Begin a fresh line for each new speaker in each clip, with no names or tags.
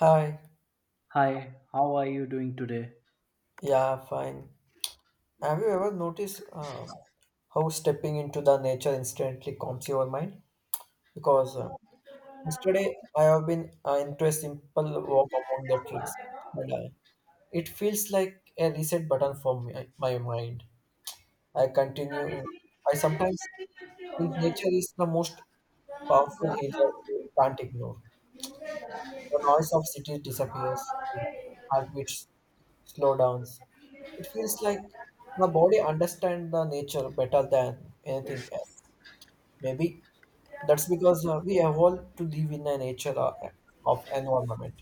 Hi,
Hi, how are you doing today?
yeah, fine. Have you ever noticed how stepping into the nature instantly calms your mind? Because Yesterday I have been into a simple walk among the trees, and it feels like a reset button for my mind. I continue. I sometimes think nature is the most powerful healer we can't ignore. The noise of cities disappears, and heartbeats slow downs. It feels like the body understands the nature better than anything else. Maybe that's because we evolved to live in a nature of environment.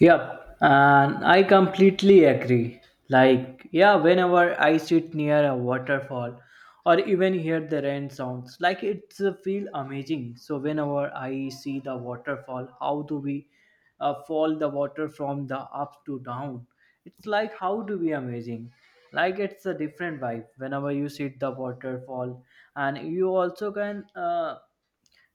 Yep, and I completely agree. Like, yeah, whenever I sit near a waterfall or even hear the rain sounds, like it's feel amazing. So whenever I see the waterfall, how do we fall the water from the up to down? It's like how do we amazing? Like it's a different vibe whenever you sit the waterfall, and you also can.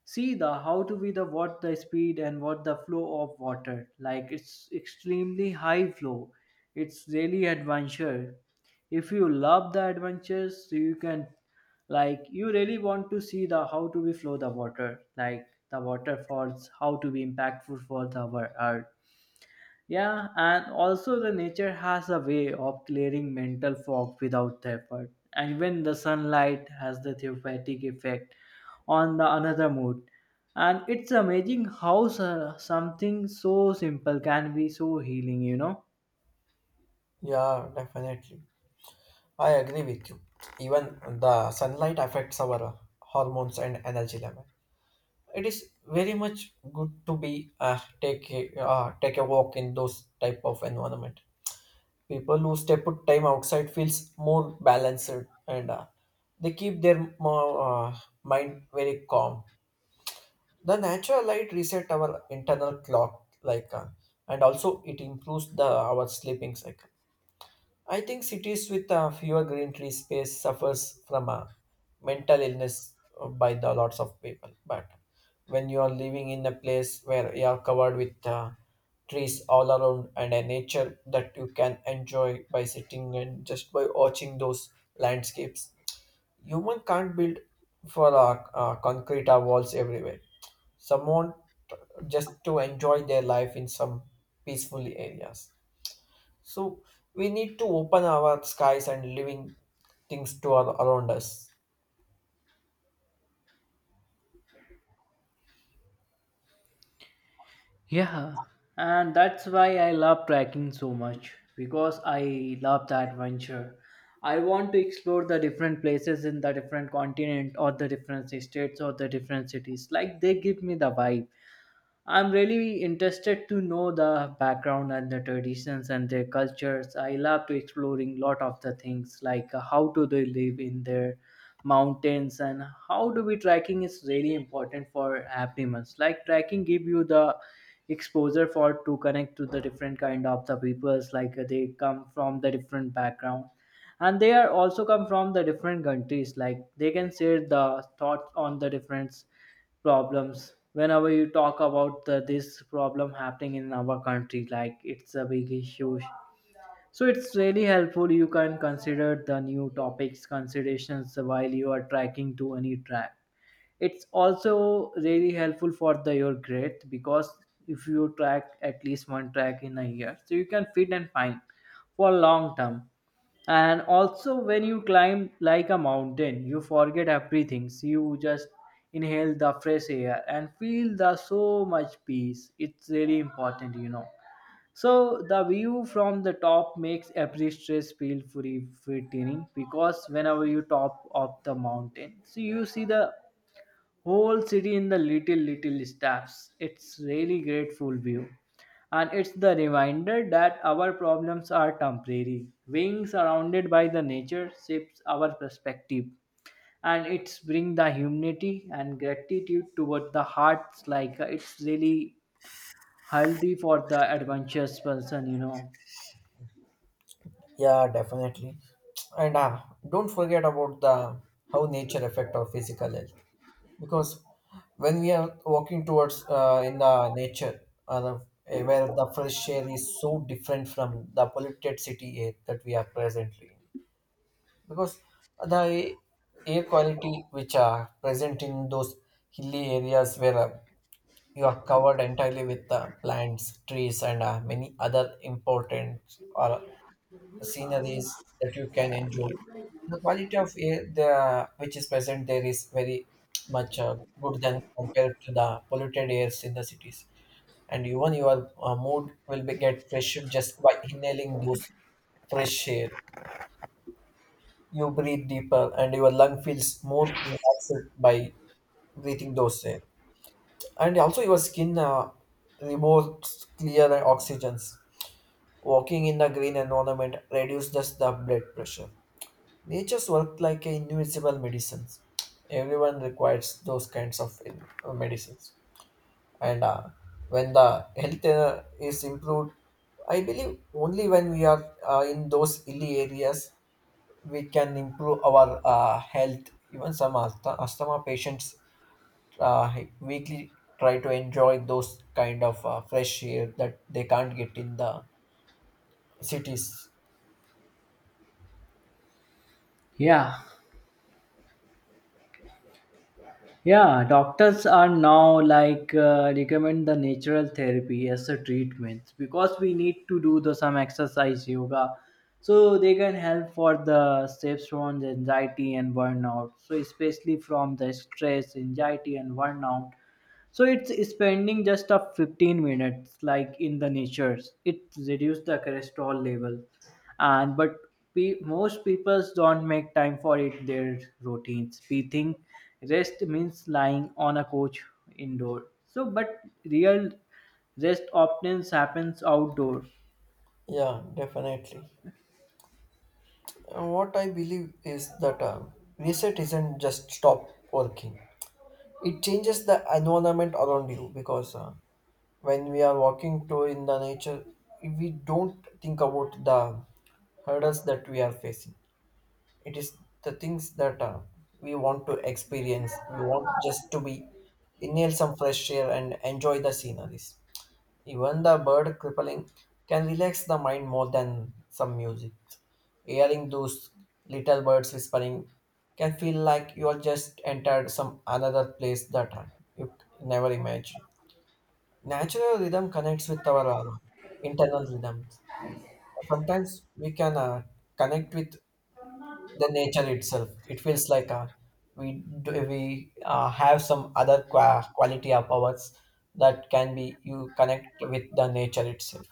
See the how to be the what the speed and what the flow of water, like it's extremely high flow. It's really adventure. If you love the adventures, you can like you really want to see the how to be flow the water like the waterfalls, how to be impactful for the earth. Yeah, and also the nature has a way of clearing mental fog without the effort. And even the sunlight has the therapeutic effect on the another mood. And it's amazing how something so simple can be so healing, you know?
Yeah, definitely. I agree with you. Even the sunlight affects our hormones and energy level. It is very much good to be take a, take a walk in those type of environment. People who step out time outside feels more balanced and they keep their mind very calm. The natural light reset our internal clock like and also it improves the our sleeping cycle. I think cities with fewer green tree space suffers from a mental illness by the lots of people. But when you are living in a place where you are covered with trees all around and a nature that you can enjoy by sitting and just by watching those landscapes, human can't build for concrete or walls everywhere. Someone just to enjoy their life in some peaceful areas. So we need to open our skies and living things to around us.
Yeah, and that's why I love trekking so much because I love the adventure. I want to explore the different places in the different continent or the different states or the different cities. Like they give me the vibe. I'm really interested to know the background and the traditions and their cultures. I love to exploring lot of the things like how do they live in their mountains, and how do we trekking is really important for happiness. Like trekking give you the exposure for to connect to the different kind of the peoples like they come from the different background, and they are also come from the different countries. Like they can share the thoughts on the difference problems whenever you talk about the, this problem happening in our country, like it's a big issue. So it's really helpful. You can consider the new topics considerations while you are tracking to any track. It's also really helpful for the your grade because if you track at least one track in a year, so you can fit and find for long term. And also when you climb like a mountain, you forget everything, so you just inhale the fresh air and feel the so much peace. It's really important, you know. So the view from the top makes every stress feel free free training because whenever you top of the mountain, so you see the whole city in the little steps. It's really grateful view, and it's the reminder that our problems are temporary. Being surrounded by the nature shapes our perspective, and it's bring the humility and gratitude toward the hearts. Like it's really healthy for the adventurous person, you know.
Yeah, definitely. And don't forget about the how nature affect our physical health, because when we are walking towards in the nature, where the fresh air is so different from the polluted city air that we are presently in, because the air quality which are present in those hilly areas where you are covered entirely with plants, trees, and many other important or sceneries that you can enjoy. The quality of air the, which is present there is very much good than compared to the polluted airs in the cities. And even your mood will be get fresh just by inhaling those fresh air. You breathe deeper, and your lung feels more relaxed by breathing those air. And also your skin removes clear oxygens. Walking in the green environment reduces the blood pressure. Nature's work like a invincible medicines. Everyone requires those kinds of medicines. And when the health is improved, I believe only when we are in those hilly areas we can improve our health. Even some asthma patients weekly try to enjoy those kind of fresh air that they can't get in the cities.
Yeah. Yeah, doctors are now like recommend the natural therapy as a treatment because we need to do the some exercise, yoga, so they can help for the steps from the anxiety and burnout. So especially from the stress, anxiety, and burnout, so it's spending just a 15 minutes like in the natures. It reduces the cholesterol level. And but most people don't make time for it their routines. We think rest means lying on a couch indoor, so but real rest often happens outdoor.
Yeah, definitely. What I believe is that reset isn't just stop working. It changes the environment around you, because when we are walking to in the nature, we don't think about the hurdles that we are facing. It is the things that we want to experience, we want just to be inhale some fresh air and enjoy the sceneries. Even the bird crippling can relax the mind more than some music. Hearing those little birds whispering can feel like you are just entered some another place that you never imagined. Natural rhythm connects with our internal rhythms. Sometimes we can connect with the nature itself. It feels like we do, we have some other quality of ours that can be you connect with the nature itself.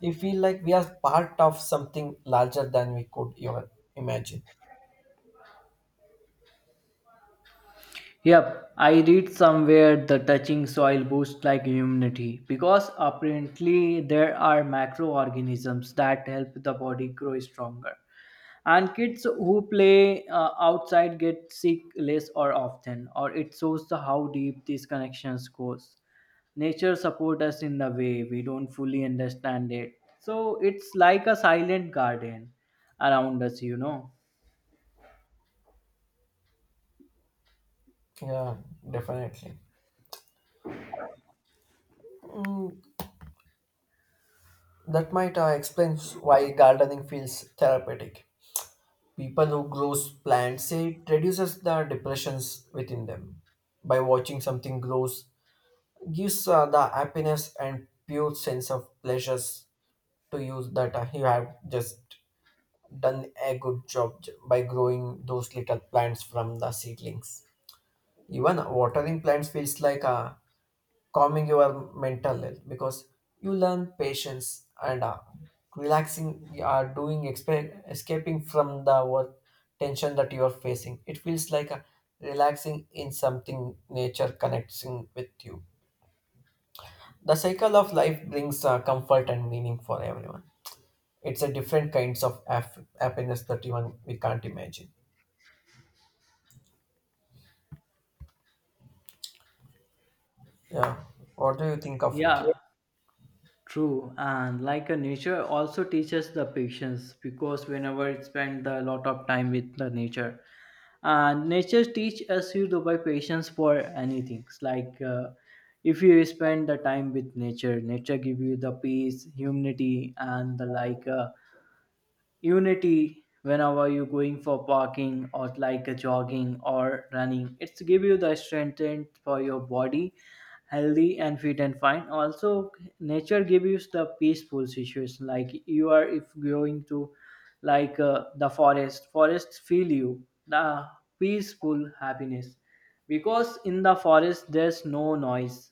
We feel like we are part of something larger than we could even imagine.
Yep, I read somewhere the touching soil boosts like immunity because apparently there are microorganisms that help the body grow stronger. And kids who play outside get sick less or often, or it shows the how deep these connections goes. Nature support us in the way we don't fully understand it. So it's like a silent garden around us, you know.
Yeah, definitely. Mm, that might explain why gardening feels therapeutic. People who grow plants say it reduces the depressions within them. By watching something grows, gives the happiness and pure sense of pleasures to you that you have just done a good job by growing those little plants from the seedlings. Even watering plants feels like calming your mental health, because you learn patience and relaxing, you are doing escaping from the work tension that you are facing. It feels like relaxing in something nature connecting with you. The cycle of life brings comfort and meaning for everyone. It's a different kinds of happiness that even we can't imagine. Yeah. What do you think of it?
Yeah. True, and like a nature also teaches the patience because whenever you spend a lot of time with the nature, and nature teach us you to buy patience for anything. It's like if you spend the time with nature, nature give you the peace, humility, and the like. Unity whenever you're going for walking or like a jogging or running, it's give you the strength and for your body healthy and fit and fine. Also nature gives you the peaceful situation like you are if going to like the forest feel you the peaceful happiness because in the forest there's no noise.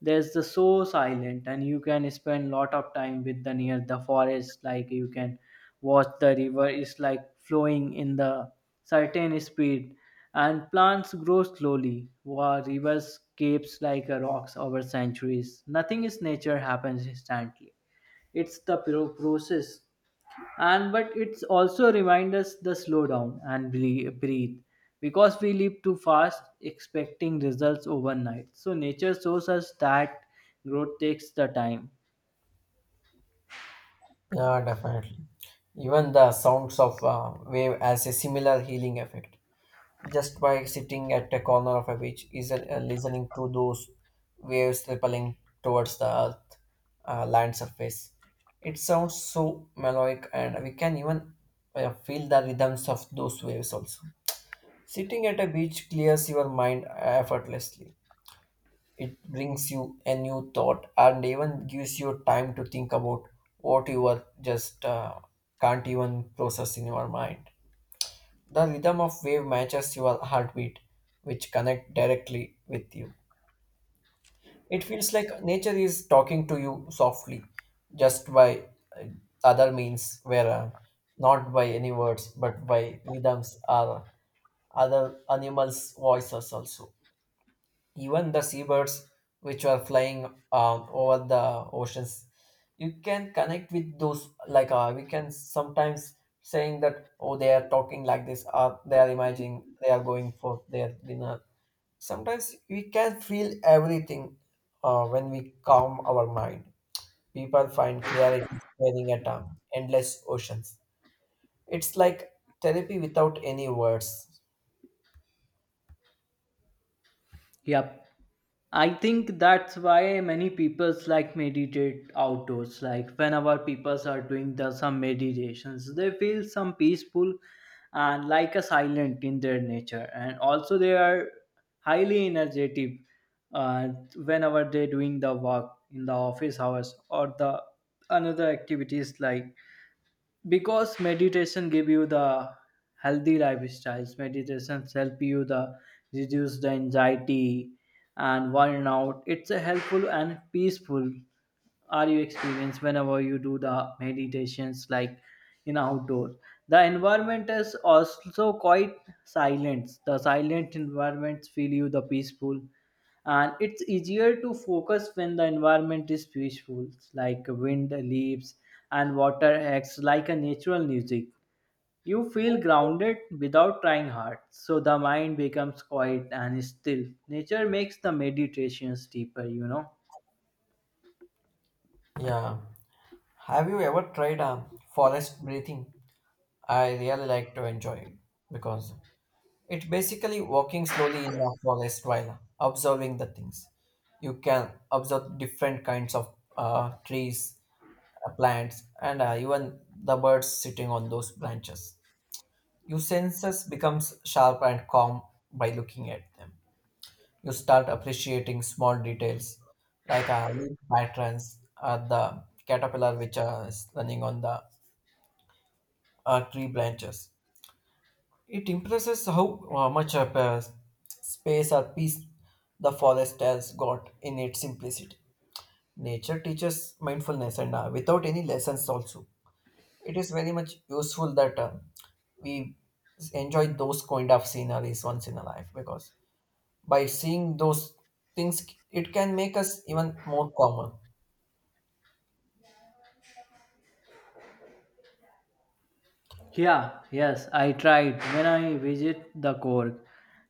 There's the so silent, and you can spend lot of time with the near the forest. Like you can watch the river is like flowing in the certain speed, and plants grow slowly while rivers caves like a rocks over centuries. Nothing is nature happens instantly. It's the process, and but it's also remind us the slow down and breathe, because we live too fast, expecting results overnight. So nature shows us that growth takes the time.
Yeah, definitely. Even the sounds of wave has a similar healing effect. Just by sitting at a corner of a beach, is listening to those waves rippling towards the earth land surface. It sounds so melodic, and we can even feel the rhythms of those waves also. Sitting at a beach clears your mind effortlessly. It brings you a new thought and even gives you time to think about what you are just can't even process in your mind. The rhythm of wave matches your heartbeat, which connect directly with you. It feels like nature is talking to you softly, just by uh, other means, where not by any words, but by rhythms or other animals' voices also. Even the seabirds which were flying over the oceans, you can connect with those like we can sometimes saying that oh they are talking like this, or they are imagining they are going for their dinner. Sometimes we can feel everything when we calm our mind. People find clarity staring at endless oceans. It's like therapy without any words.
Yep. I think that's why many peoples like meditate outdoors. Like whenever peoples are doing the some meditations, they feel some peaceful and like a silent in their nature. And also they are highly energetic uh, whenever they're doing the work in the office hours or the another activities, like because meditation give you the healthy lifestyles. Meditations help you the reduce the anxiety and burnout. It's a helpful and peaceful are you experience whenever you do the meditations like in outdoors? The environment is also quite silent. The silent environments feel you the peaceful, and it's easier to focus when the environment is peaceful. Like wind leaves and water acts like a natural music. You feel grounded without trying hard, so the mind becomes quiet and still. Nature makes the meditations deeper, you know.
Yeah, have you ever tried forest breathing? I really like to enjoy it, because it's basically walking slowly in the forest while observing the things. You can observe different kinds of trees, plants, and even the birds sitting on those branches. Your senses becomes sharp and calm by looking at them. You start appreciating small details like leaf patterns, the caterpillar which is running on the tree branches. It impresses how much of, space or peace the forest has got in its simplicity. Nature teaches mindfulness and without any lessons also. It is very much useful that we enjoy those kind of sceneries once in a life, because by seeing those things, it can make us even more calmer.
Yeah, yes, I tried when I visit the Cork.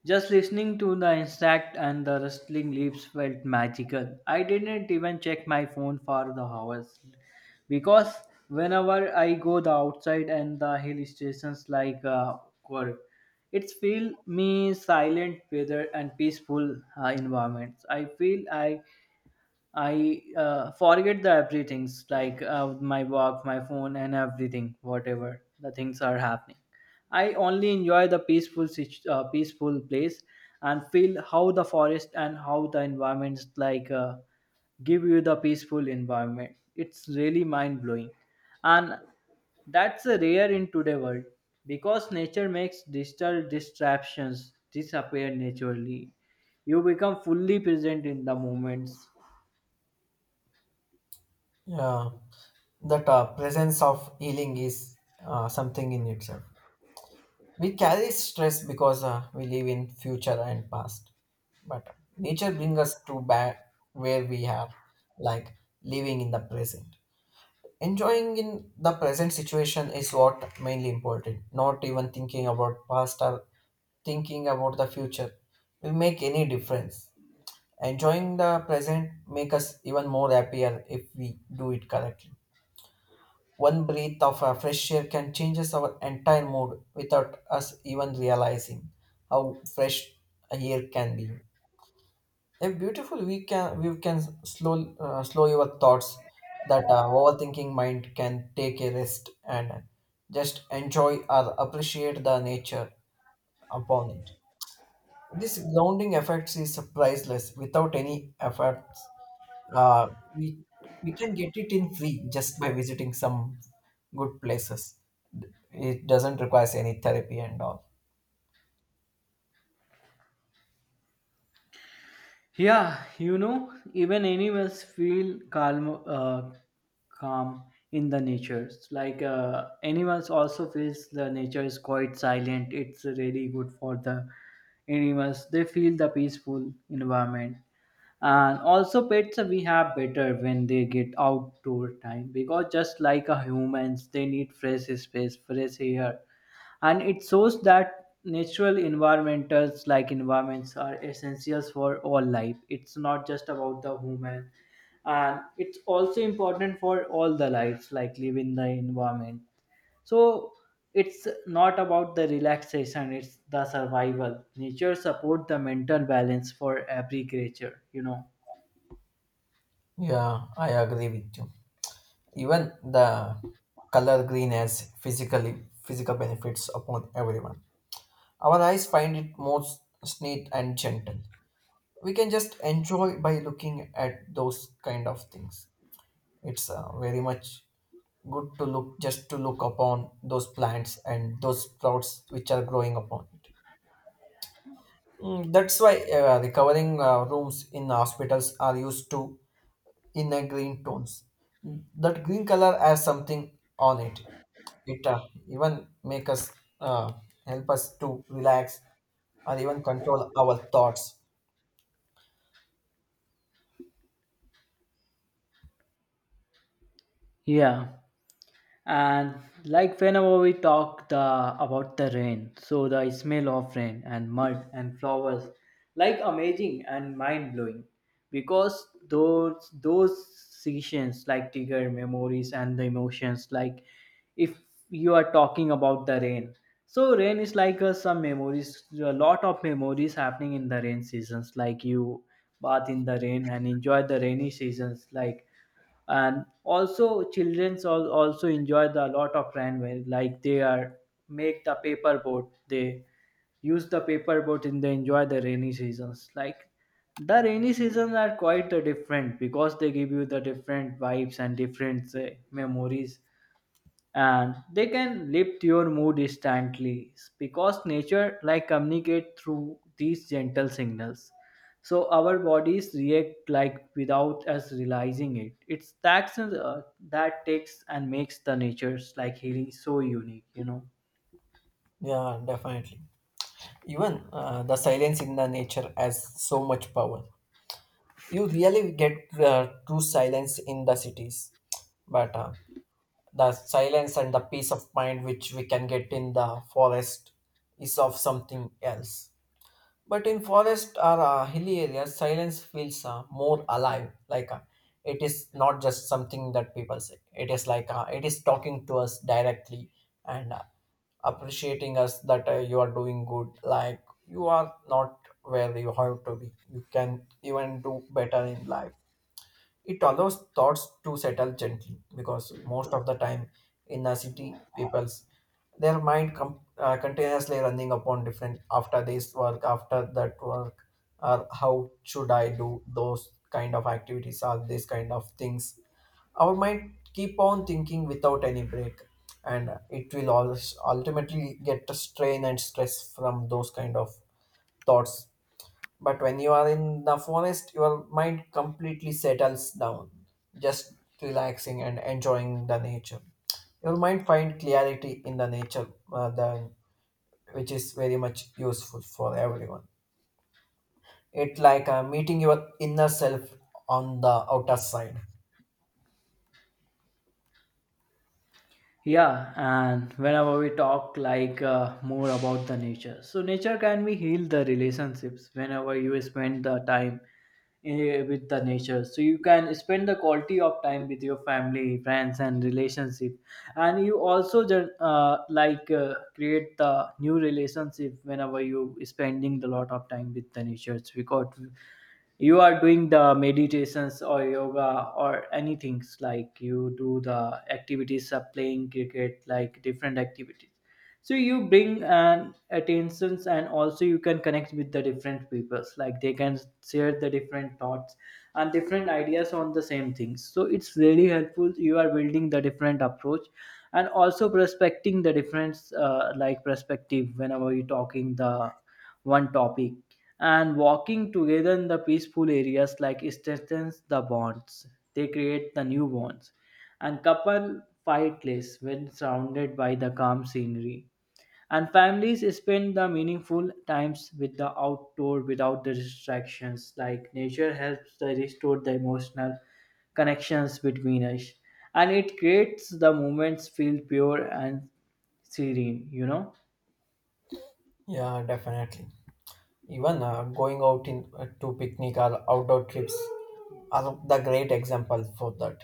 Just listening to the insect and the rustling leaves felt magical. I didn't even check my phone for the hours because whenever I go the outside and the hill stations like Cork, it feel me silent weather and peaceful environments. I feel I forget the everything's like my work, my phone, and everything, whatever the things are happening. I only enjoy the peaceful, peaceful place, and feel how the forest and how the environments like give you the peaceful environment. It's really mind blowing, and that's a rare in today world because nature makes digital distractions disappear naturally. You become fully present in the moments.
Yeah, that presence of healing is something in itself. We carry stress because we live in future and past. But nature brings us to back where we are, like living in the present. Enjoying in the present situation is what mainly important. Not even thinking about past or thinking about the future will make any difference. Enjoying the present make us even more happier if we do it correctly. One breath of fresh air can change our entire mood without us even realizing how fresh air can be. A beautiful we can slow slow your thoughts that overthinking mind can take a rest and just enjoy or appreciate the nature upon it. This grounding effects is priceless without any effort. uh, we we can get it in free just by visiting some good places. It doesn't require any therapy and all.
Yeah, you know, even animals feel calm in the nature. Like animals also feels the nature is quite silent. It's really good for the animals. They feel the peaceful environment. And also pets we have better when they get outdoor time because just like a humans, they need fresh space, fresh air, and it shows that natural environmentals like environments are essentials for all life. It's not just about the human, and it's also important for all the lives like living the environment. So it's not about the relaxation, it's the survival. Nature support the mental balance for every creature, you know.
Yeah, I agree with you. Even the color green has physically physical benefits upon everyone. Our eyes find it more neat and gentle. We can just enjoy by looking at those kind of things. It's very much good to look just to look upon those plants and those sprouts which are growing upon it. Mm, that's why recovering rooms in hospitals are used to in a green tones. That green color has something on it. It even make us uh, help us to relax or even control our thoughts.
Yeah, and like whenever we talk the about the rain, so the smell of rain and mud and flowers like amazing and mind blowing because those seasons like trigger memories and the emotions. Like if you are talking about the rain, so rain is like some memories, a lot of memories happening in the rain seasons. Like you bath in the rain and enjoy the rainy seasons, like and also childrens also enjoy the lot of runway. Like they are make the paper boat, they use the paper boat, and they enjoy the rainy seasons, like the rainy seasons are quite different because they give you the different vibes and different memories, and they can lift your mood instantly because nature like communicate through these gentle signals. So our bodies react like without us realizing it. It's the actions that takes and makes the nature's like healing so unique, you know.
Yeah, definitely. Even the silence in the nature has so much power. You really get true silence in the cities, but the silence and the peace of mind which we can get in the forest is of something else. But in forest or hilly areas silence feels more alive, like it is not just something that people say, it is like it is talking to us directly and appreciating us that you are doing good, like you are not where you have to be, you can even do better in life. It allows thoughts to settle gently, because most of the time in the city, people's their mind continuously running upon different after this work, after that work, or how should I do those kind of activities or these kind of things. Our mind keep on thinking without any break, and it will always ultimately get a strain and stress from those kind of thoughts. But when you are in the forest, your mind completely settles down, just relaxing and enjoying the nature. Your mind find clarity in the nature, than, which is very much useful for everyone. It like meeting your inner self on the outer side.
Yeah, and whenever we talk like more about the nature, so nature can be heal the relationships. Whenever you spend the time with the nature, so you can spend the quality of time with your family, friends, and relationship, and you also like create the new relationship whenever you spending the lot of time with the nature because you are doing the meditations or yoga or anything. Like you do the activities of playing cricket, like different activities, so you bring an attentions, and also you can connect with the different peoples. Like they can share the different thoughts and different ideas on the same things. So it's really helpful. You are building the different approach, and also prospecting the different like perspective whenever you're talking the one topic, and walking together in the peaceful areas like strengthens the bonds. They create the new bonds, and couple fight less when surrounded by the calm scenery, and families spend the meaningful times with the outdoor without the distractions. Like nature helps to restore the emotional connections between us, and it creates the moments feel pure and serene, you know.
Yeah, definitely. Even going out in to picnic or outdoor trips are the great example for that.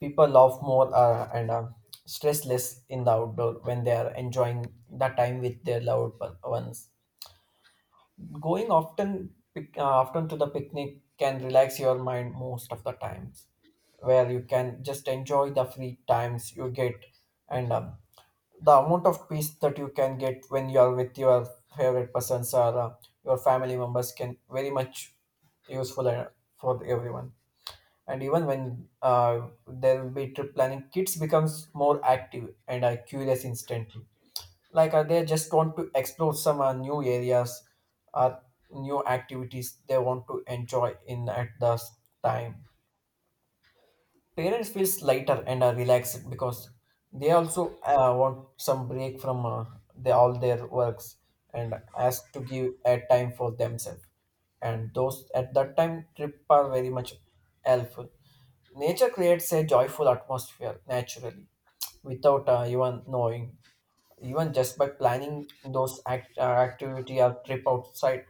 People laugh more and are stress less in the outdoor when they are enjoying the time with their ones. Going often, often to the picnic can relax your mind most of the times, where you can just enjoy the free times you get and the amount of peace that you can get when you are with your favorite persons or your family members can very much useful for everyone. And even when there will be trip planning, kids becomes more active and are curious instantly, they just want to explore some new areas or new activities they want to enjoy in at the time. Parents feels lighter and are relaxed because they also want some break from all their works and ask to give a time for themselves, and those at that time trip are very much helpful. Nature creates a joyful atmosphere naturally, without even knowing. Even just by planning those activity or trip outside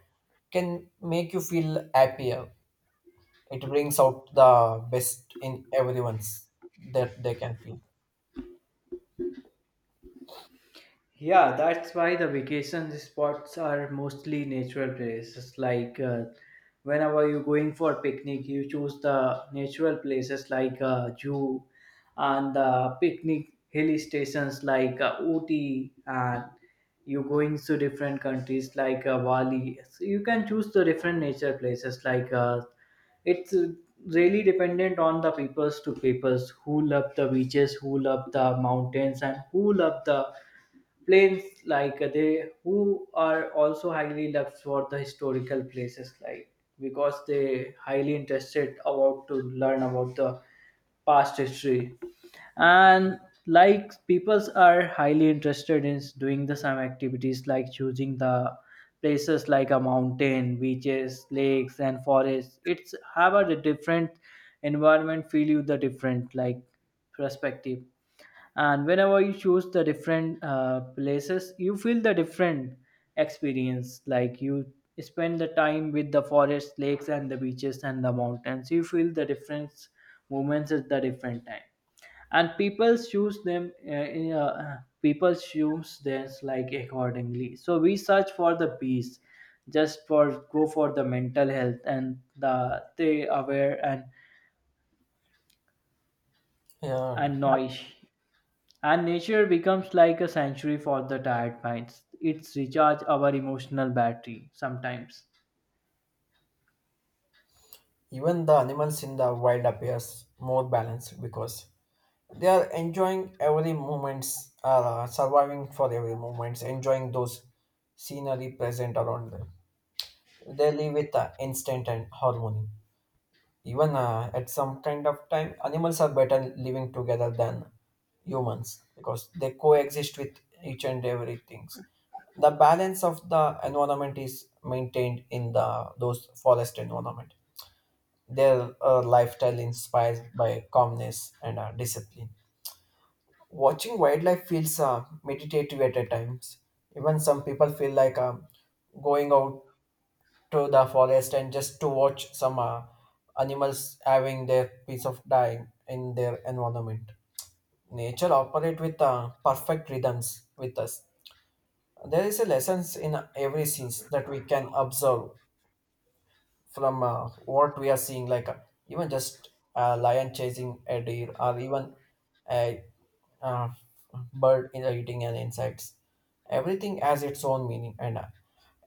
can make you feel happier. It brings out the best in everyone's that they can feel.
Yeah, that's why the vacation spots are mostly natural places. Like whenever you're going for picnic, you choose the natural places like zoo and the picnic hill stations like Ooty, and you're going to different countries like Bali. So you can choose the different nature places like it's really dependent on the peoples to peoples who love the beaches, who love the mountains, and who love the planes like they who are also highly loved for the historical places like because they highly interested about to learn about the past history. And like peoples are highly interested in doing the same activities like choosing the places like a mountain, beaches, lakes, and forests. It's have a different environment feel you the different like perspective, and whenever you choose the different places, you feel the different experience. Like you spend the time with the forest, lakes, and the beaches, and the mountains, you feel the different moments at the different time, and people choose them people choose this like accordingly. So we search for the peace just for go for the mental health and the stay aware
Yeah,
and noise. And nature becomes like a sanctuary for the tired minds. It's recharge our emotional battery sometimes.
even the animals in the wild appears more balanced because they are enjoying every moments, surviving for every moments, enjoying those scenery present around them. They live with instinct and harmony. Even at some kind of time, animals are better living together than humans because they coexist with each and every things. The balance of the environment is maintained in the those forest environment. Their lifestyle inspired by calmness and discipline. Watching wildlife feels meditative at a times. Even some people feel like going out to the forest and just to watch some animals having their piece of time in their environment. Nature operate with perfect rhythms with us. There is a lessons in every scenes that we can observe from what we are seeing, even just a lion chasing a deer, or even a uh, eating an insects. Everything has its own meaning, and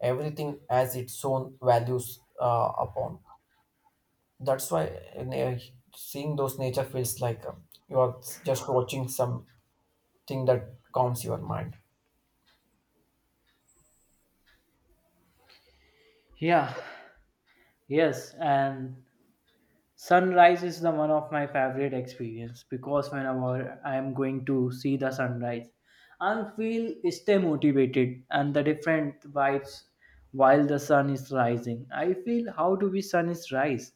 everything has its own values upon. That's why in a- seeing those nature feels like you are just watching something that calms your mind.
Yeah, yes, and sunrise is the one of my favorite experience because whenever I am going to see the sunrise, I feel stay motivated and the different vibes while the sun is rising. I feel how do we sun is rise,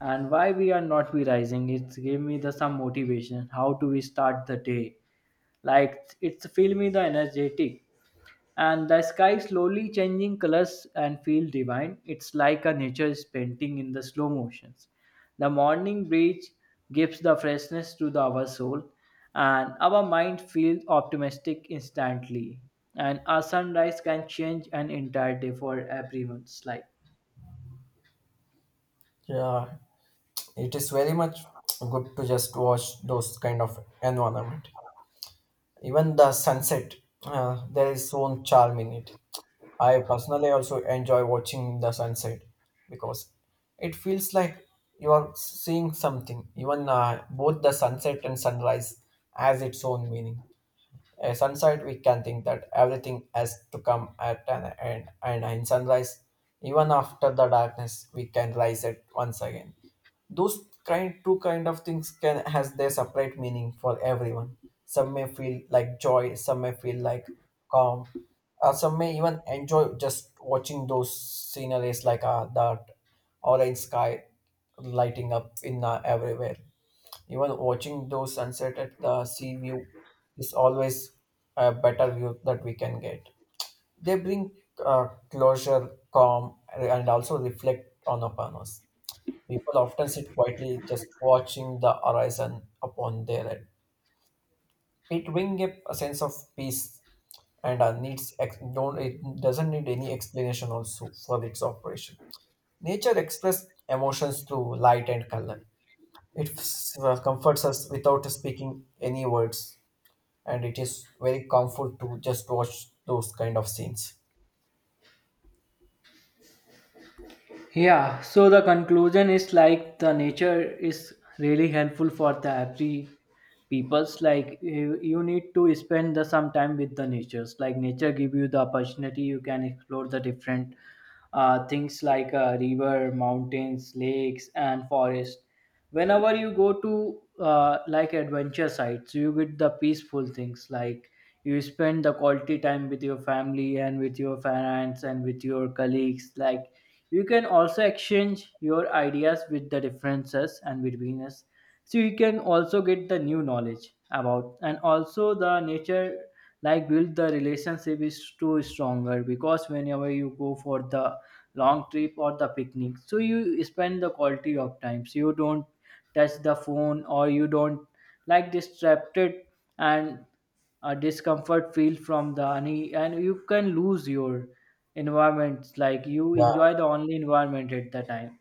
and why we are not be rising. It's give me the some motivation how do we start the day. Like it's filmy, the energetic, and the sky slowly changing colors and feel divine. It's like a nature is painting in the slow motions. The morning breeze gives the freshness to the, our soul, and our mind feels optimistic instantly. And a sunrise can change an entire day for everyone's life.
Yeah, it is very much good to just watch those kind of environment. Even the sunset, there is own charm in it. I personally also enjoy watching the sunset because it feels like you are seeing something. Even both the sunset and sunrise has its own meaning. A sunset, we can think that everything has to come at an end, and in sunrise, even after the darkness, we can rise it once again. Those kind two kind of things can has their separate meaning for everyone. Some may feel like joy, some may feel like calm, some may even enjoy just watching those sceneries that orange sky lighting up in everywhere. Even watching those sunset at the sea view is always a better view that we can get. They bring closure, calm, and also reflect on upon us. People often sit quietly just watching the horizon upon their head. It brings up a sense of peace and needs ex- don't it doesn't need any explanation also for its operation. Nature expresses emotions through light and color. It comforts us without speaking any words, and it is very comfort to just watch those kind of scenes.
Yeah, so the conclusion is like the nature is really helpful for the every people's like you need to spend the some time with the natures. Like nature give you the opportunity you can explore the different things like river, mountains, lakes, and forest. Whenever you go to like adventure sites, you get the peaceful things. Like you spend the quality time with your family and with your friends and with your colleagues. Like you can also exchange your ideas with the differences and between us. So you can also get the new knowledge about, and also the nature like build the relationship is too stronger because whenever you go for the long trip or the picnic, so you spend the quality of time, so you don't touch the phone, or you don't like distracted, and a discomfort feel from the any, and you can lose your environment, like you
Yeah,
enjoy the only environment at the time.